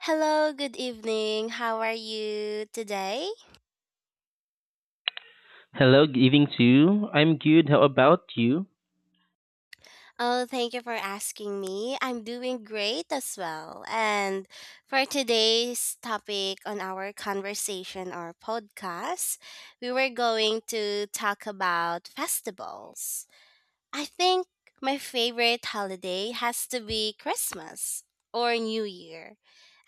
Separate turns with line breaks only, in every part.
Hello, good evening. How are you today?
Hello, good evening to you. I'm good. How about you?
Oh, thank you for asking me. I'm doing great as well. And for today's topic on our conversation or podcast, we were going to talk about festivals. I think my favorite holiday has to be Christmas or New Year.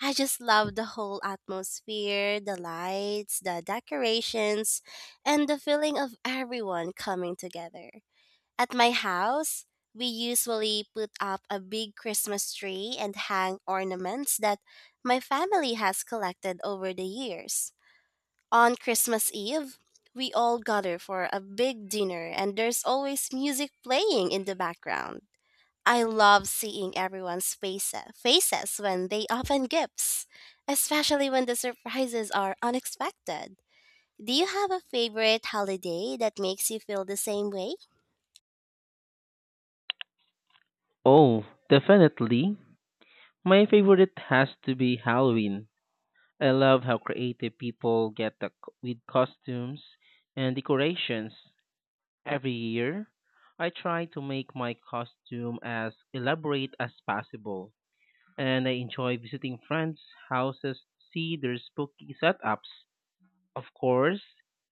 I just love the whole atmosphere, the lights, the decorations, and the feeling of everyone coming together. At my house, we usually put up a big Christmas tree and hang ornaments that my family has collected over the years. On Christmas Eve, we all gather for a big dinner, and there's always music playing in the background. I love seeing everyone's faces when they open gifts, especially when the surprises are unexpected. Do you have a favorite holiday that makes you feel the same way?
Oh, definitely. My favorite has to be Halloween. I love how creative people get with costumes and decorations. Every year, I try to make my costume as elaborate as possible, and I enjoy visiting friends' houses to see their spooky setups. Of course,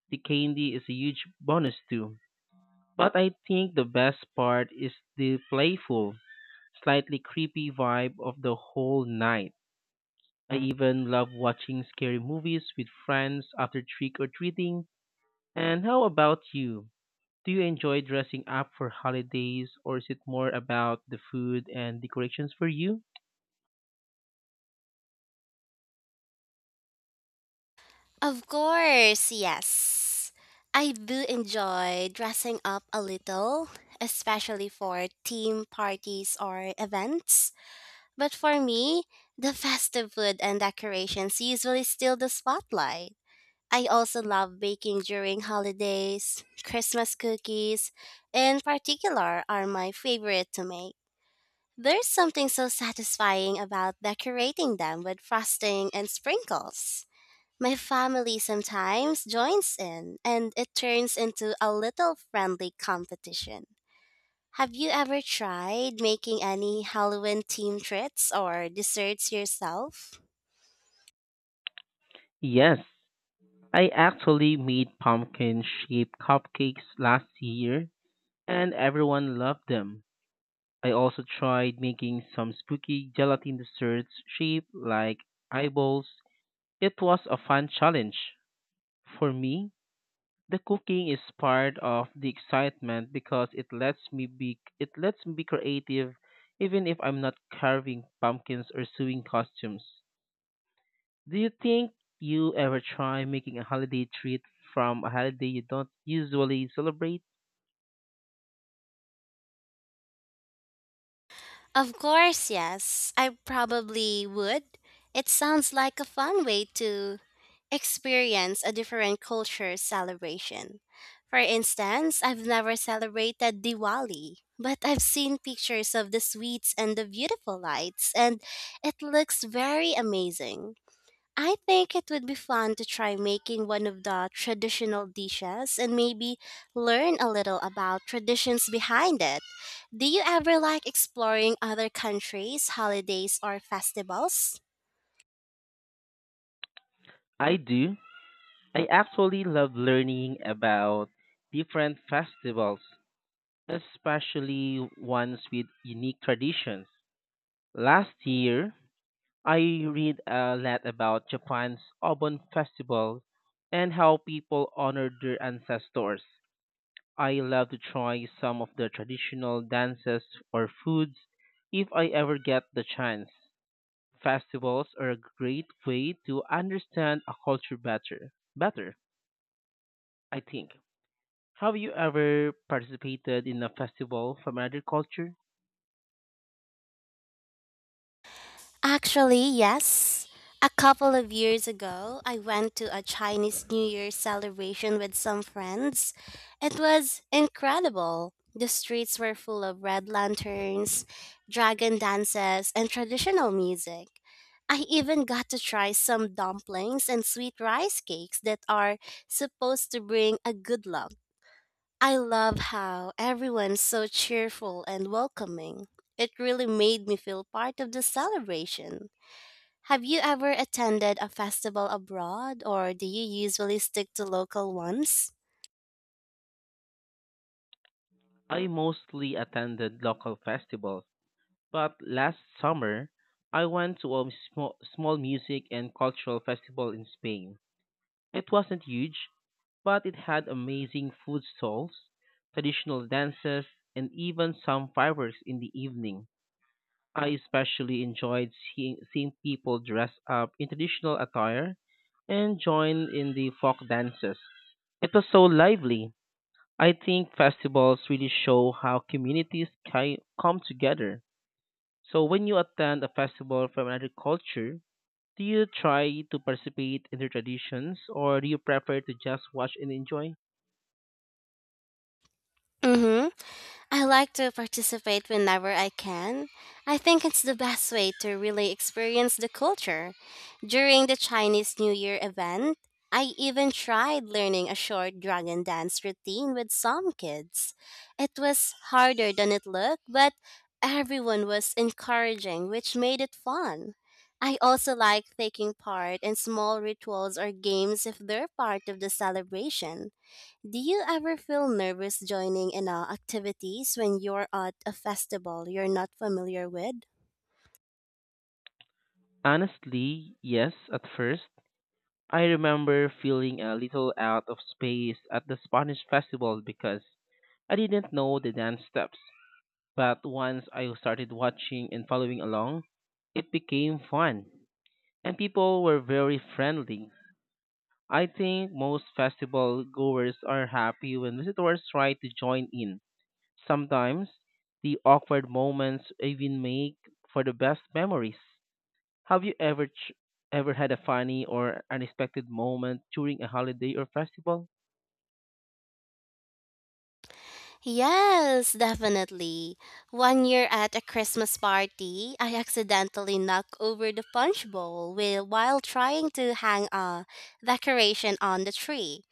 the candy is a huge bonus too. But I think the best part is the playful, slightly creepy vibe of the whole night. I even love watching scary movies with friends after trick or treating. And how about you? Do you enjoy dressing up for holidays or is it more about the food and decorations for you?
Of course, yes. I do enjoy dressing up a little, especially for team parties or events. But for me, the festive food and decorations usually steal the spotlight. I also love baking during holidays. Christmas cookies, in particular, are my favorite to make. There's something so satisfying about decorating them with frosting and sprinkles. My family sometimes joins in, and it turns into a little friendly competition. Have you ever tried making any Halloween themed treats or desserts yourself?
Yes, I actually made pumpkin shaped cupcakes last year and everyone loved them. I also tried making some spooky gelatin desserts shaped like eyeballs. It was a fun challenge. For me, the cooking is part of the excitement because it lets me be creative even if I'm not carving pumpkins or sewing costumes. Do you think you ever try making a holiday treat from a holiday you don't usually celebrate?
Of course, yes. I probably would. It sounds like a fun way to experience a different culture celebration. For instance, I've never celebrated Diwali, but I've seen pictures of the sweets and the beautiful lights, and it looks very amazing. I think it would be fun to try making one of the traditional dishes and maybe learn a little about traditions behind it. Do you ever like exploring other countries' holidays or festivals?
I do. I actually love learning about different festivals, especially ones with unique traditions. Last year, I read a lot about Japan's Obon Festival and how people honor their ancestors. I love to try some of the traditional dances or foods if I ever get the chance. Festivals are a great way to understand a culture better, I think. Have you ever participated in a festival from another culture?
Actually, yes. A couple of years ago, I went to a Chinese New Year celebration with some friends. It was incredible. The streets were full of red lanterns, dragon dances, and traditional music. I even got to try some dumplings and sweet rice cakes that are supposed to bring a good luck. I love how everyone's so cheerful and welcoming. It really made me feel part of the celebration. Have you ever attended a festival abroad or do you usually stick to local ones?
I mostly attended local festivals, but last summer I went to a small music and cultural festival in Spain. It wasn't huge, but it had amazing food stalls, traditional dances, and even some fireworks in the evening. I especially enjoyed seeing people dress up in traditional attire and join in the folk dances. It was so lively. I think festivals really show how communities come together. So when you attend a festival from another culture, do you try to participate in their traditions or do you prefer to just watch and enjoy?
Mm hmm. I like to participate whenever I can. I think it's the best way to really experience the culture. During the Chinese New Year event, I even tried learning a short dragon dance routine with some kids. It was harder than it looked, but everyone was encouraging, which made it fun. I also like taking part in small rituals or games if they're part of the celebration. Do you ever feel nervous joining in activities when you're at a festival you're not familiar with?
Honestly, yes, at first. I remember feeling a little out of space at the Spanish festival because I didn't know the dance steps. But once I started watching and following along, it became fun. And people were very friendly. I think most festival goers are happy when visitors try to join in. Sometimes the awkward moments even make for the best memories. Have you ever had a funny or unexpected moment during a holiday or festival?
Yes, definitely. One year at a Christmas party, I accidentally knocked over the punch bowl while trying to hang a decoration on the tree.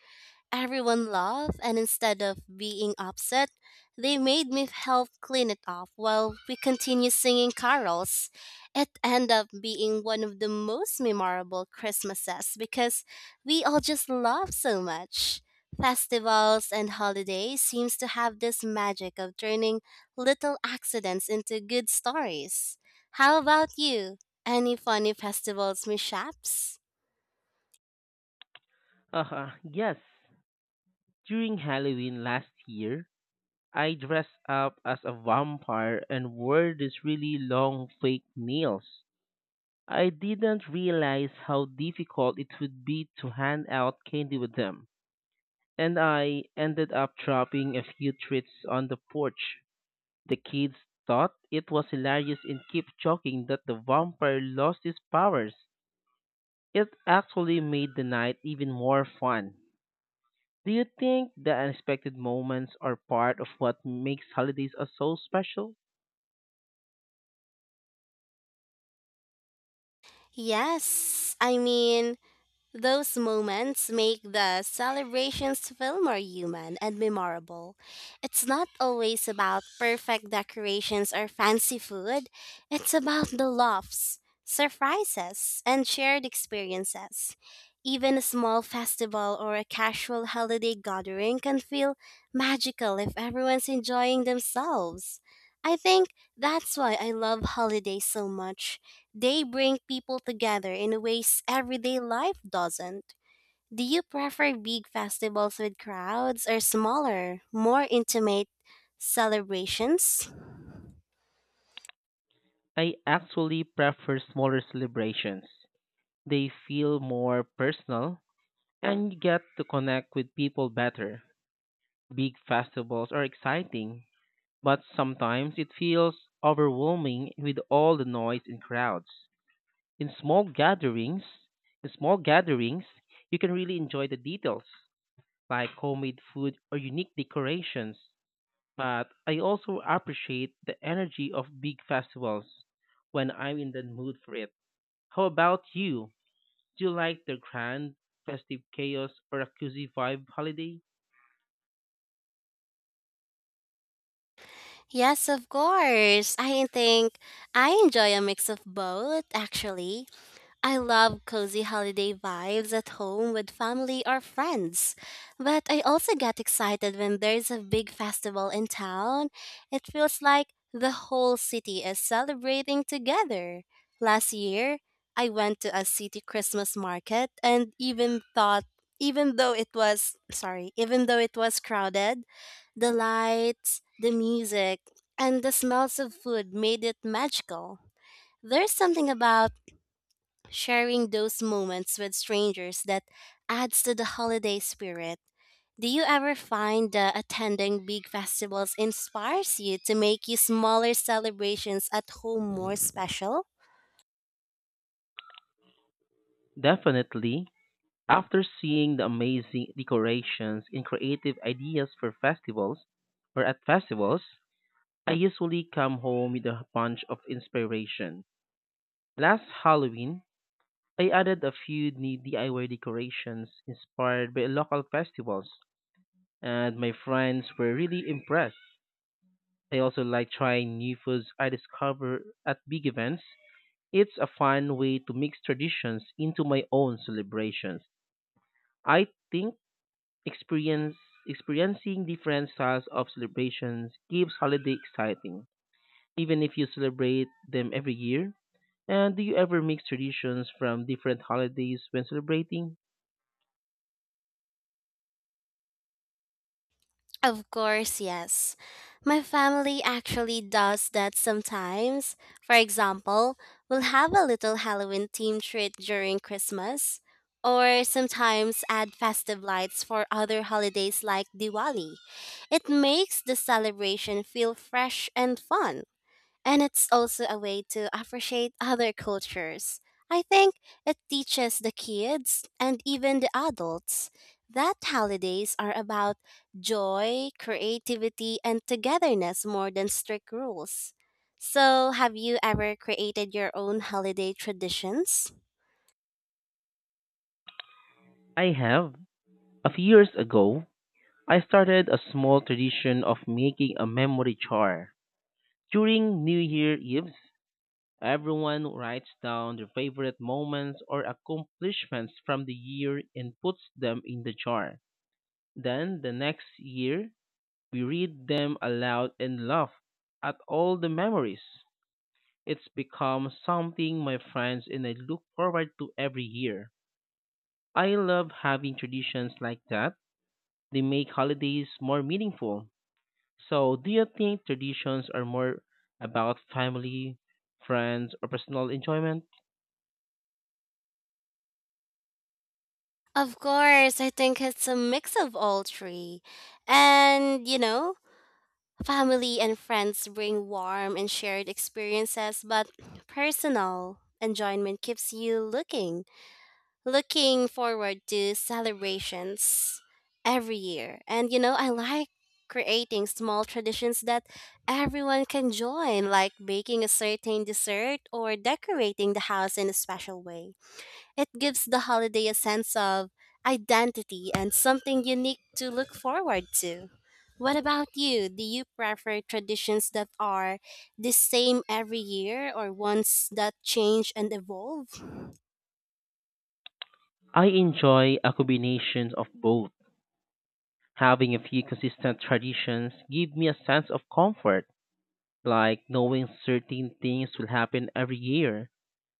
Everyone laughed, and instead of being upset, they made me help clean it up while we continued singing carols. It ended up being one of the most memorable Christmases because we all just laughed so much. Festivals and holidays seems to have this magic of turning little accidents into good stories. How about you? Any funny festivals mishaps?
Yes. During Halloween last year, I dressed up as a vampire and wore these really long fake nails. I didn't realize how difficult it would be to hand out candy with them, and I ended up dropping a few treats on the porch. The kids thought it was hilarious and kept joking that the vampire lost his powers. It actually made the night even more fun. Do you think the unexpected moments are part of what makes holidays so special?
Yes, I mean, those moments make the celebrations feel more human and memorable. It's not always about perfect decorations or fancy food, it's about the laughs, surprises, and shared experiences. Even a small festival or a casual holiday gathering can feel magical if everyone's enjoying themselves. I think that's why I love holidays so much. They bring people together in ways everyday life doesn't. Do you prefer big festivals with crowds or smaller, more intimate celebrations?
I actually prefer smaller celebrations. They feel more personal, and you get to connect with people better. Big festivals are exciting, but sometimes it feels overwhelming with all the noise and crowds. In small gatherings, in small gatherings, you can really enjoy the details, like homemade food or unique decorations. But I also appreciate the energy of big festivals when I'm in the mood for it. How about you? Do you like the grand festive chaos or a cozy vibe holiday?
Yes, of course. I think I enjoy a mix of both, actually. I love cozy holiday vibes at home with family or friends. But I also get excited when there's a big festival in town. It feels like the whole city is celebrating together. Last year, I went to a city Christmas market and even though it was crowded, the lights, the music, and the smells of food made it magical. There's something about sharing those moments with strangers that adds to the holiday spirit. Do you ever find that attending big festivals inspires you to make your smaller celebrations at home more special?
Definitely, after seeing the amazing decorations and creative ideas for festivals or at festivals, I usually come home with a bunch of inspiration. Last Halloween, I added a few new DIY decorations inspired by local festivals, and my friends were really impressed. I also like trying new foods I discover at big events. It's a fun way to mix traditions into my own celebrations. I think Experience experiencing different styles of celebrations keeps holiday exciting, even if you celebrate them every year. And do you ever mix traditions from different holidays when celebrating?
Of course, yes. My family actually does that sometimes. For example, we'll have a little Halloween themed treat during Christmas, or sometimes add festive lights for other holidays like Diwali. It makes the celebration feel fresh and fun. And it's also a way to appreciate other cultures. I think it teaches the kids and even the adults that holidays are about joy, creativity, and togetherness more than strict rules. So, have you ever created your own holiday traditions?
I have. A few years ago, I started a small tradition of making a memory jar. During New Year Eve, everyone writes down their favorite moments or accomplishments from the year and puts them in the jar. Then the next year, we read them aloud and laugh at all the memories. It's become something my friends and I look forward to every year. I love having traditions like that. They make holidays more meaningful. So, do you think traditions are more about family, friends, or personal enjoyment?
Of course, I think it's a mix of all three. And, you know, family and friends bring warm and shared experiences, but personal enjoyment keeps you looking forward to celebrations every year. And you know, I like creating small traditions that everyone can join, like baking a certain dessert or decorating the house in a special way. It gives the holiday a sense of identity and something unique to look forward to. What about you? Do you prefer traditions that are the same every year or ones that change and evolve?
I enjoy a combination of both. Having a few consistent traditions give me a sense of comfort, like knowing certain things will happen every year.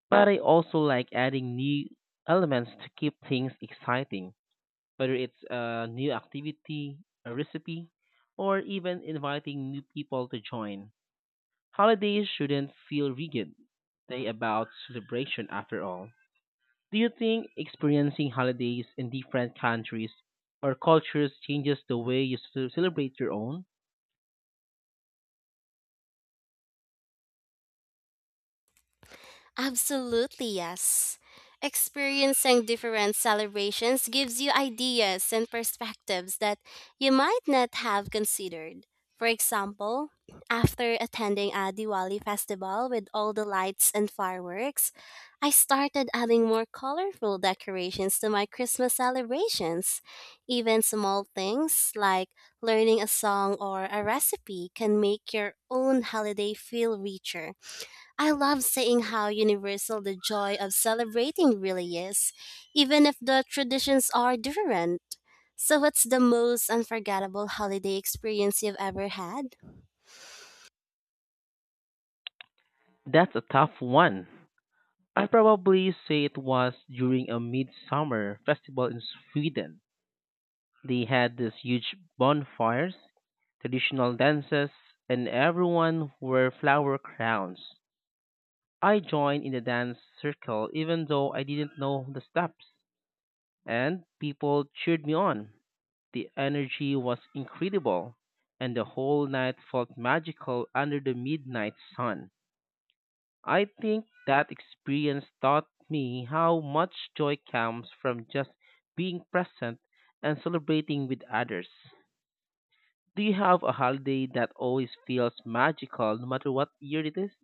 But I also like adding new elements to keep things exciting, whether it's a new activity, a recipe, or even inviting new people to join. Holidays shouldn't feel rigid. They about celebration after all. Do you think experiencing holidays in different countries or cultures changes the way you celebrate your own?
Absolutely, yes. Experiencing different celebrations gives you ideas and perspectives that you might not have considered. For example, after attending a Diwali festival with all the lights and fireworks, I started adding more colorful decorations to my Christmas celebrations. Even small things like learning a song or a recipe can make your own holiday feel richer. I love seeing how universal the joy of celebrating really is, even if the traditions are different. So, what's the most unforgettable holiday experience you've ever had?
That's a tough one. I probably say it was during a midsummer festival in Sweden. They had these huge bonfires, traditional dances, and everyone wore flower crowns. I joined in the dance circle even though I didn't know the steps, and people cheered me on. The energy was incredible, and the whole night felt magical under the midnight sun. I think that experience taught me how much joy comes from just being present and celebrating with others. Do you have a holiday that always feels magical no matter what year it is?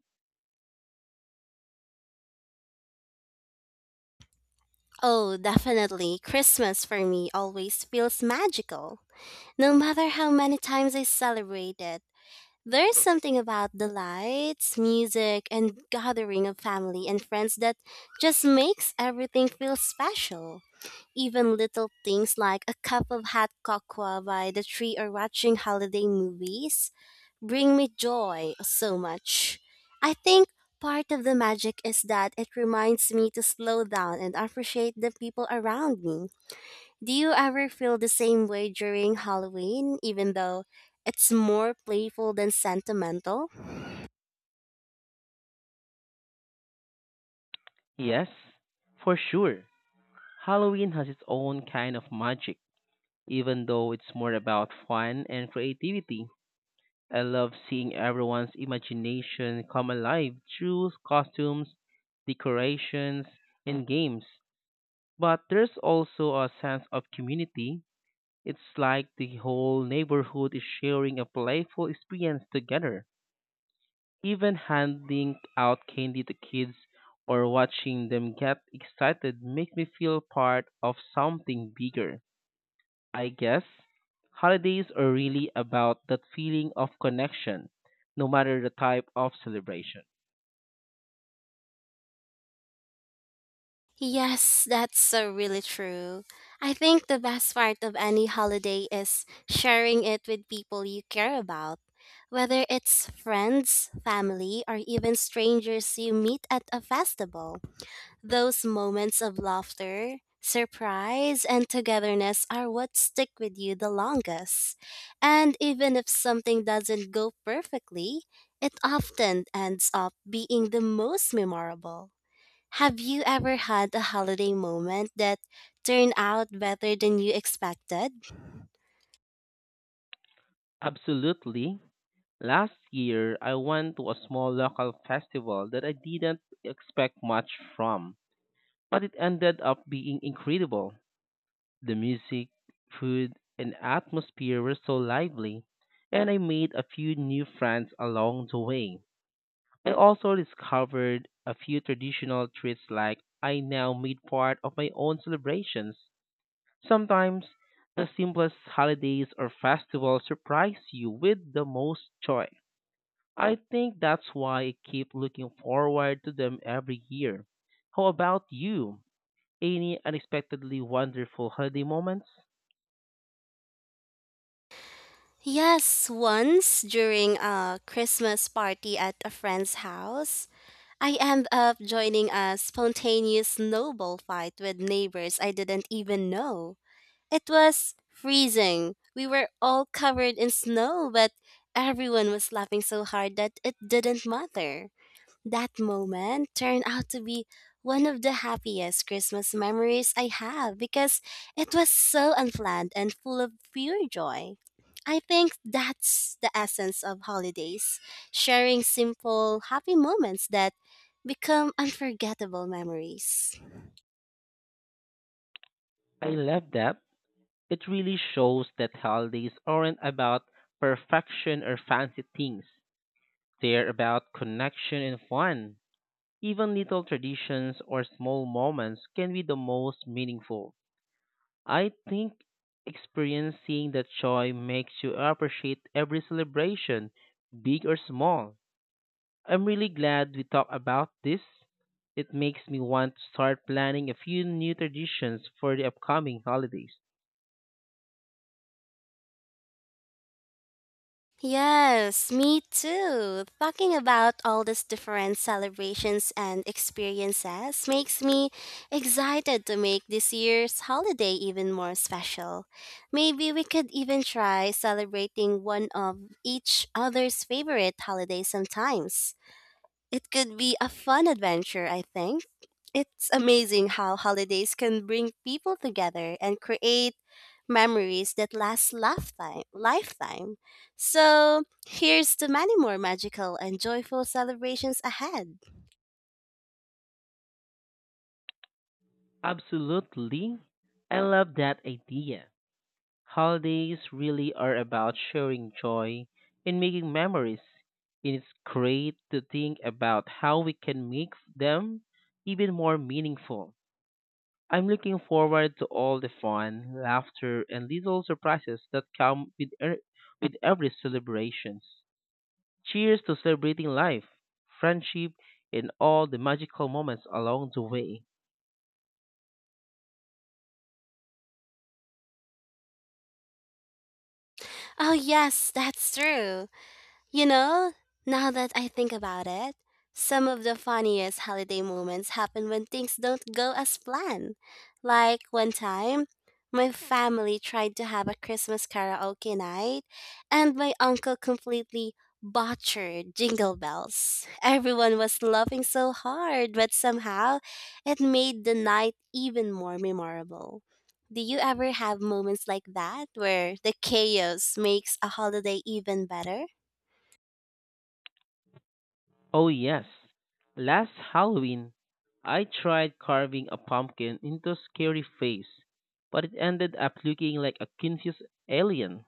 Oh, definitely. Christmas for me always feels magical. No matter how many times I celebrate it, there's something about the lights, music, and gathering of family and friends that just makes everything feel special. Even little things like a cup of hot cocoa by the tree or watching holiday movies bring me joy so much. I think part of the magic is that it reminds me to slow down and appreciate the people around me. Do you ever feel the same way during Halloween, even though it's more playful than sentimental?
Yes, for sure. Halloween has its own kind of magic, even though it's more about fun and creativity. I love seeing everyone's imagination come alive through costumes, decorations, and games. But there's also a sense of community. It's like the whole neighborhood is sharing a playful experience together. Even handing out candy to kids or watching them get excited make me feel part of something bigger. I guess holidays are really about that feeling of connection, no matter the type of celebration.
Yes, that's so really true. I think the best part of any holiday is sharing it with people you care about. Whether it's friends, family, or even strangers you meet at a festival. Those moments of laughter, surprise, and togetherness are what stick with you the longest. And even if something doesn't go perfectly, it often ends up being the most memorable. Have you ever had a holiday moment that turned out better than you expected?
Absolutely. Last year, I went to a small local festival that I didn't expect much from, but it ended up being incredible. The music, food, and atmosphere were so lively, and I made a few new friends along the way. I also discovered a few traditional treats like I now made part of my own celebrations. Sometimes the simplest holidays or festivals surprise you with the most joy. I think that's why I keep looking forward to them every year. How about you? Any unexpectedly wonderful holiday moments?
Yes, once during a Christmas party at a friend's house, I end up joining a spontaneous snowball fight with neighbors I didn't even know. It was freezing. We were all covered in snow, but everyone was laughing so hard that it didn't matter. That moment turned out to be one of the happiest Christmas memories I have because it was so unplanned and full of pure joy. I think that's the essence of holidays sharing simple, happy moments that become unforgettable memories.
I love that. It really shows that holidays aren't about perfection or fancy things. They're about connection and fun. Even little traditions or small moments can be the most meaningful. I think experiencing that joy makes you appreciate every celebration, big or small. I'm really glad we talked about this. It makes me want to start planning a few new traditions for the upcoming holidays.
Yes, me too. Talking about all these different celebrations and experiences makes me excited to make this year's holiday even more special. Maybe we could even try celebrating one of each other's favorite holidays sometimes. It could be a fun adventure, I think. It's amazing how holidays can bring people together and create memories that last lifetime. So, here's to many more magical and joyful celebrations ahead.
Absolutely. I love that idea. Holidays really are about sharing joy and making memories. And it's great to think about how we can make them even more meaningful. I'm looking forward to all the fun, laughter, and little surprises that come with every celebrations. Cheers to celebrating life, friendship, and all the magical moments along the way.
Oh, yes, that's true. You know, now that I think about it, some of the funniest holiday moments happen when things don't go as planned. Like one time, my family tried to have a Christmas karaoke night, and my uncle completely butchered jingle bells. Everyone was laughing so hard, but somehow it made the night even more memorable. Do you ever have moments like that where the chaos makes a holiday even better?
Oh, yes. Last Halloween, I tried carving a pumpkin into a scary face, but it ended up looking like a confused alien.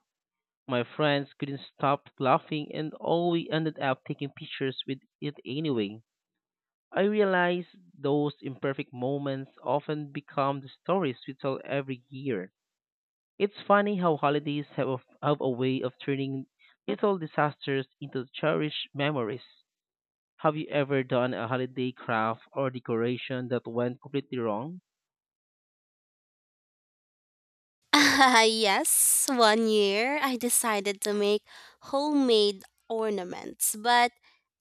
My friends couldn't stop laughing, and all we ended up taking pictures with it anyway. I realize those imperfect moments often become the stories we tell every year. It's funny how holidays have a way of turning little disasters into cherished memories. Have you ever done a holiday craft or decoration that went completely wrong?
Yes, one year I decided to make homemade ornaments, but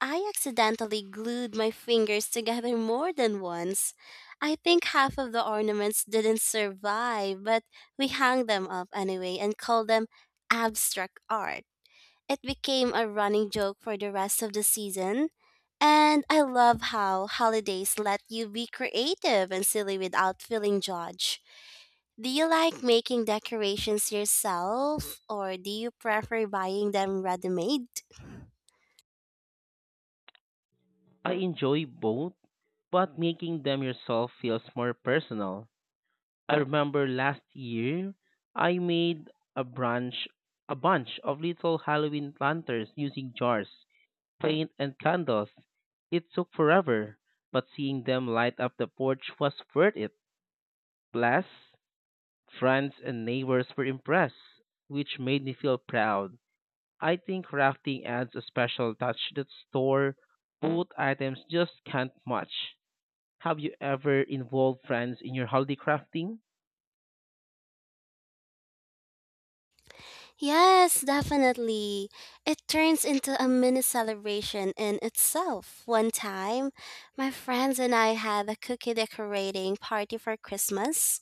I accidentally glued my fingers together more than once. I think half of the ornaments didn't survive, but we hung them up anyway and called them abstract art. It became a running joke for the rest of the season. And I love how holidays let you be creative and silly without feeling judged. Do you like making decorations yourself or do you prefer buying them ready made?
I enjoy both, but making them yourself feels more personal. I remember last year I made a branch a bunch of little Halloween lanterns using jars, paint and candles. It took forever, but seeing them light up the porch was worth it. Plus, friends and neighbors were impressed, which made me feel proud. I think crafting adds a special touch that store bought items just can't match. Have you ever involved friends in your holiday crafting?
Yes, definitely. It turns into a mini celebration in itself. One time, my friends and I had a cookie decorating party for Christmas.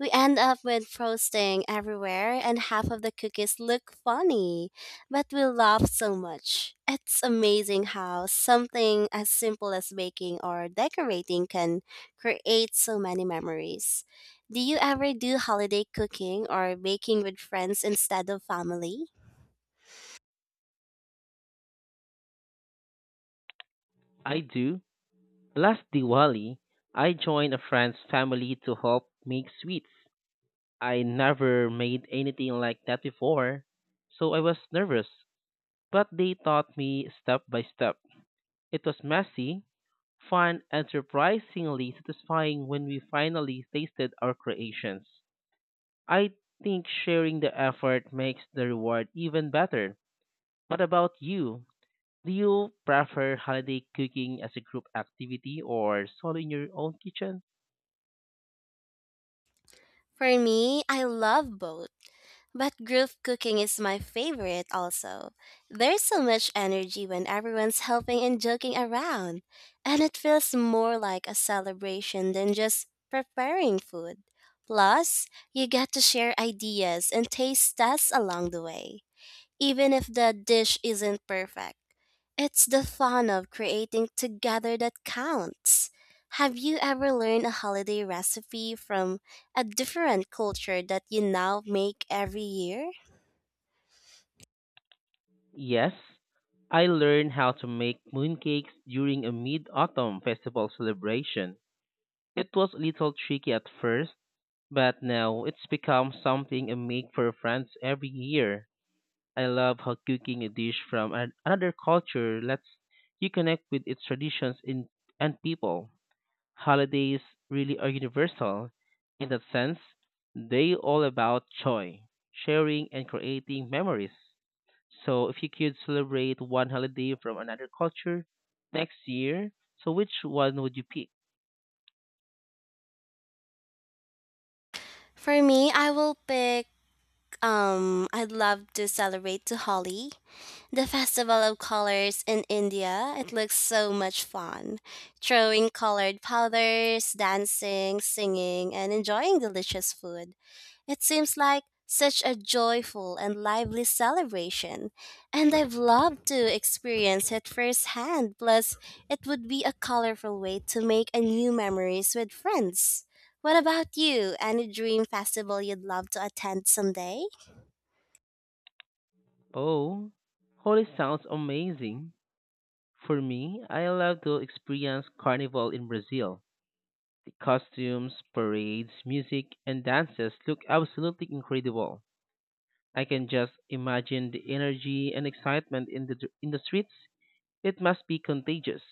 We end up with frosting everywhere and half of the cookies look funny, but we laugh so much. It's amazing how something as simple as baking or decorating can create so many memories. Do you ever do holiday cooking or baking with friends instead of family?
I do. Last Diwali, I joined a friend's family to help make sweets. I never made anything like that before, so I was nervous, but they taught me step by step. It was messy, fun, and surprisingly satisfying when we finally tasted our creations. I think sharing the effort makes the reward even better. What about you? Do you prefer holiday cooking as a group activity or solo in your own kitchen?
For me, I love both, but group cooking is my favorite also. There's so much energy when everyone's helping and joking around, and it feels more like a celebration than just preparing food. Plus, you get to share ideas and taste tests along the way even if the dish isn't perfect. It's the fun of creating together that counts. Have you ever learned a holiday recipe from a different culture that you now make every year?
Yes, I learned how to make mooncakes during a mid autumn festival celebration. It was a little tricky at first, but now it's become something I make for friends every year. I love how cooking a dish from another culture lets you connect with its traditions and people. Holidays really are universal. In that sense, they all about joy, sharing, and creating memories. So if you could celebrate one holiday from another culture next year, so which one would you pick?
For me, I will pick I'd love to celebrate to Holi, the festival of colors in India. It looks so much fun. Throwing colored powders, dancing, singing, and enjoying delicious food. It seems like such a joyful and lively celebration, and I've loved to experience it firsthand. Plus, it would be a colorful way to make a new memories with friends. What about you? Any dream festival you'd love to attend someday?
Oh, holy sounds amazing. For me, I love to experience carnival in Brazil. The costumes, parades, music, and dances look absolutely incredible. I can just imagine the energy and excitement in the streets. It must be contagious.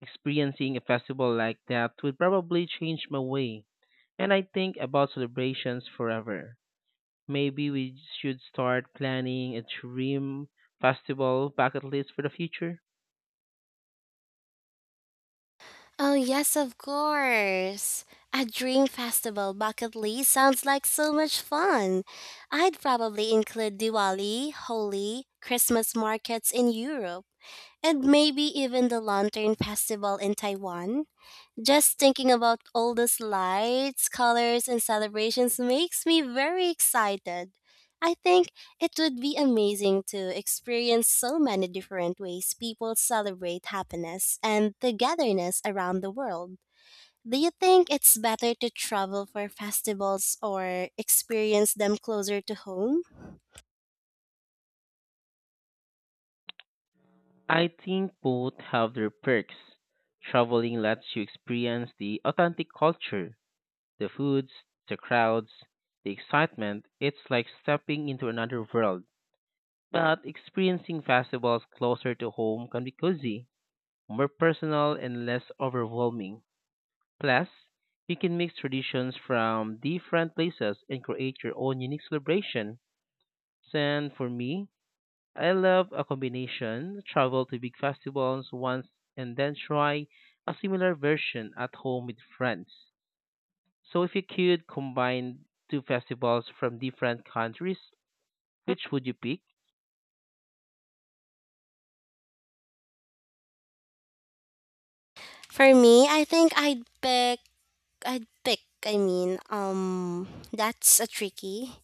Experiencing a festival like that would probably change my way, and I think about celebrations forever. Maybe we should start planning a dream festival bucket list for the future.
Oh, yes, of course. A dream festival bucket list sounds like so much fun. I'd probably include Diwali, Holi, Christmas markets in Europe and maybe even the Lantern Festival in Taiwan. Just thinking about all those lights, colors, and celebrations makes me very excited. I think it would be amazing to experience so many different ways people celebrate happiness and togetherness around the world. Do you think it's better to travel for festivals or experience them closer to home?
I think both have their perks. Traveling lets you experience the authentic culture. The foods, the crowds, the excitement, it's like stepping into another world. But experiencing festivals closer to home can be cozy, more personal, and less overwhelming. Plus, you can mix traditions from different places and create your own unique celebration. And for me, I love a combination travel to big festivals once and then try a similar version at home with friends. So if you could combine two festivals from different countries, which would you pick?
For me, I think I'd pick, I mean, that's a tricky.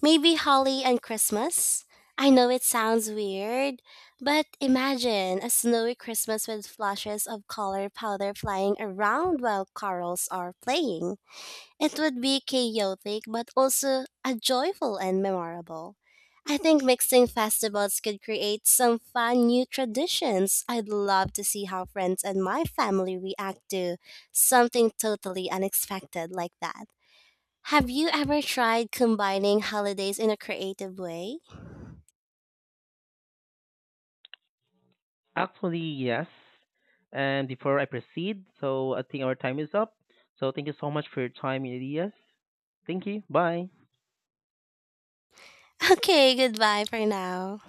Maybe Holly and Christmas? I know it sounds weird, but imagine a snowy Christmas with flashes of color powder flying around while carols are playing. It would be chaotic, but also a joyful and memorable. I think mixing festivals could create some fun new traditions. I'd love to see how friends and my family react to something totally unexpected like that. Have you ever tried combining holidays in a creative way?
Actually, yes. And before I proceed, so I think our time is up. So thank you so much for your time, Elias. Thank you. Bye.
Okay, goodbye for now.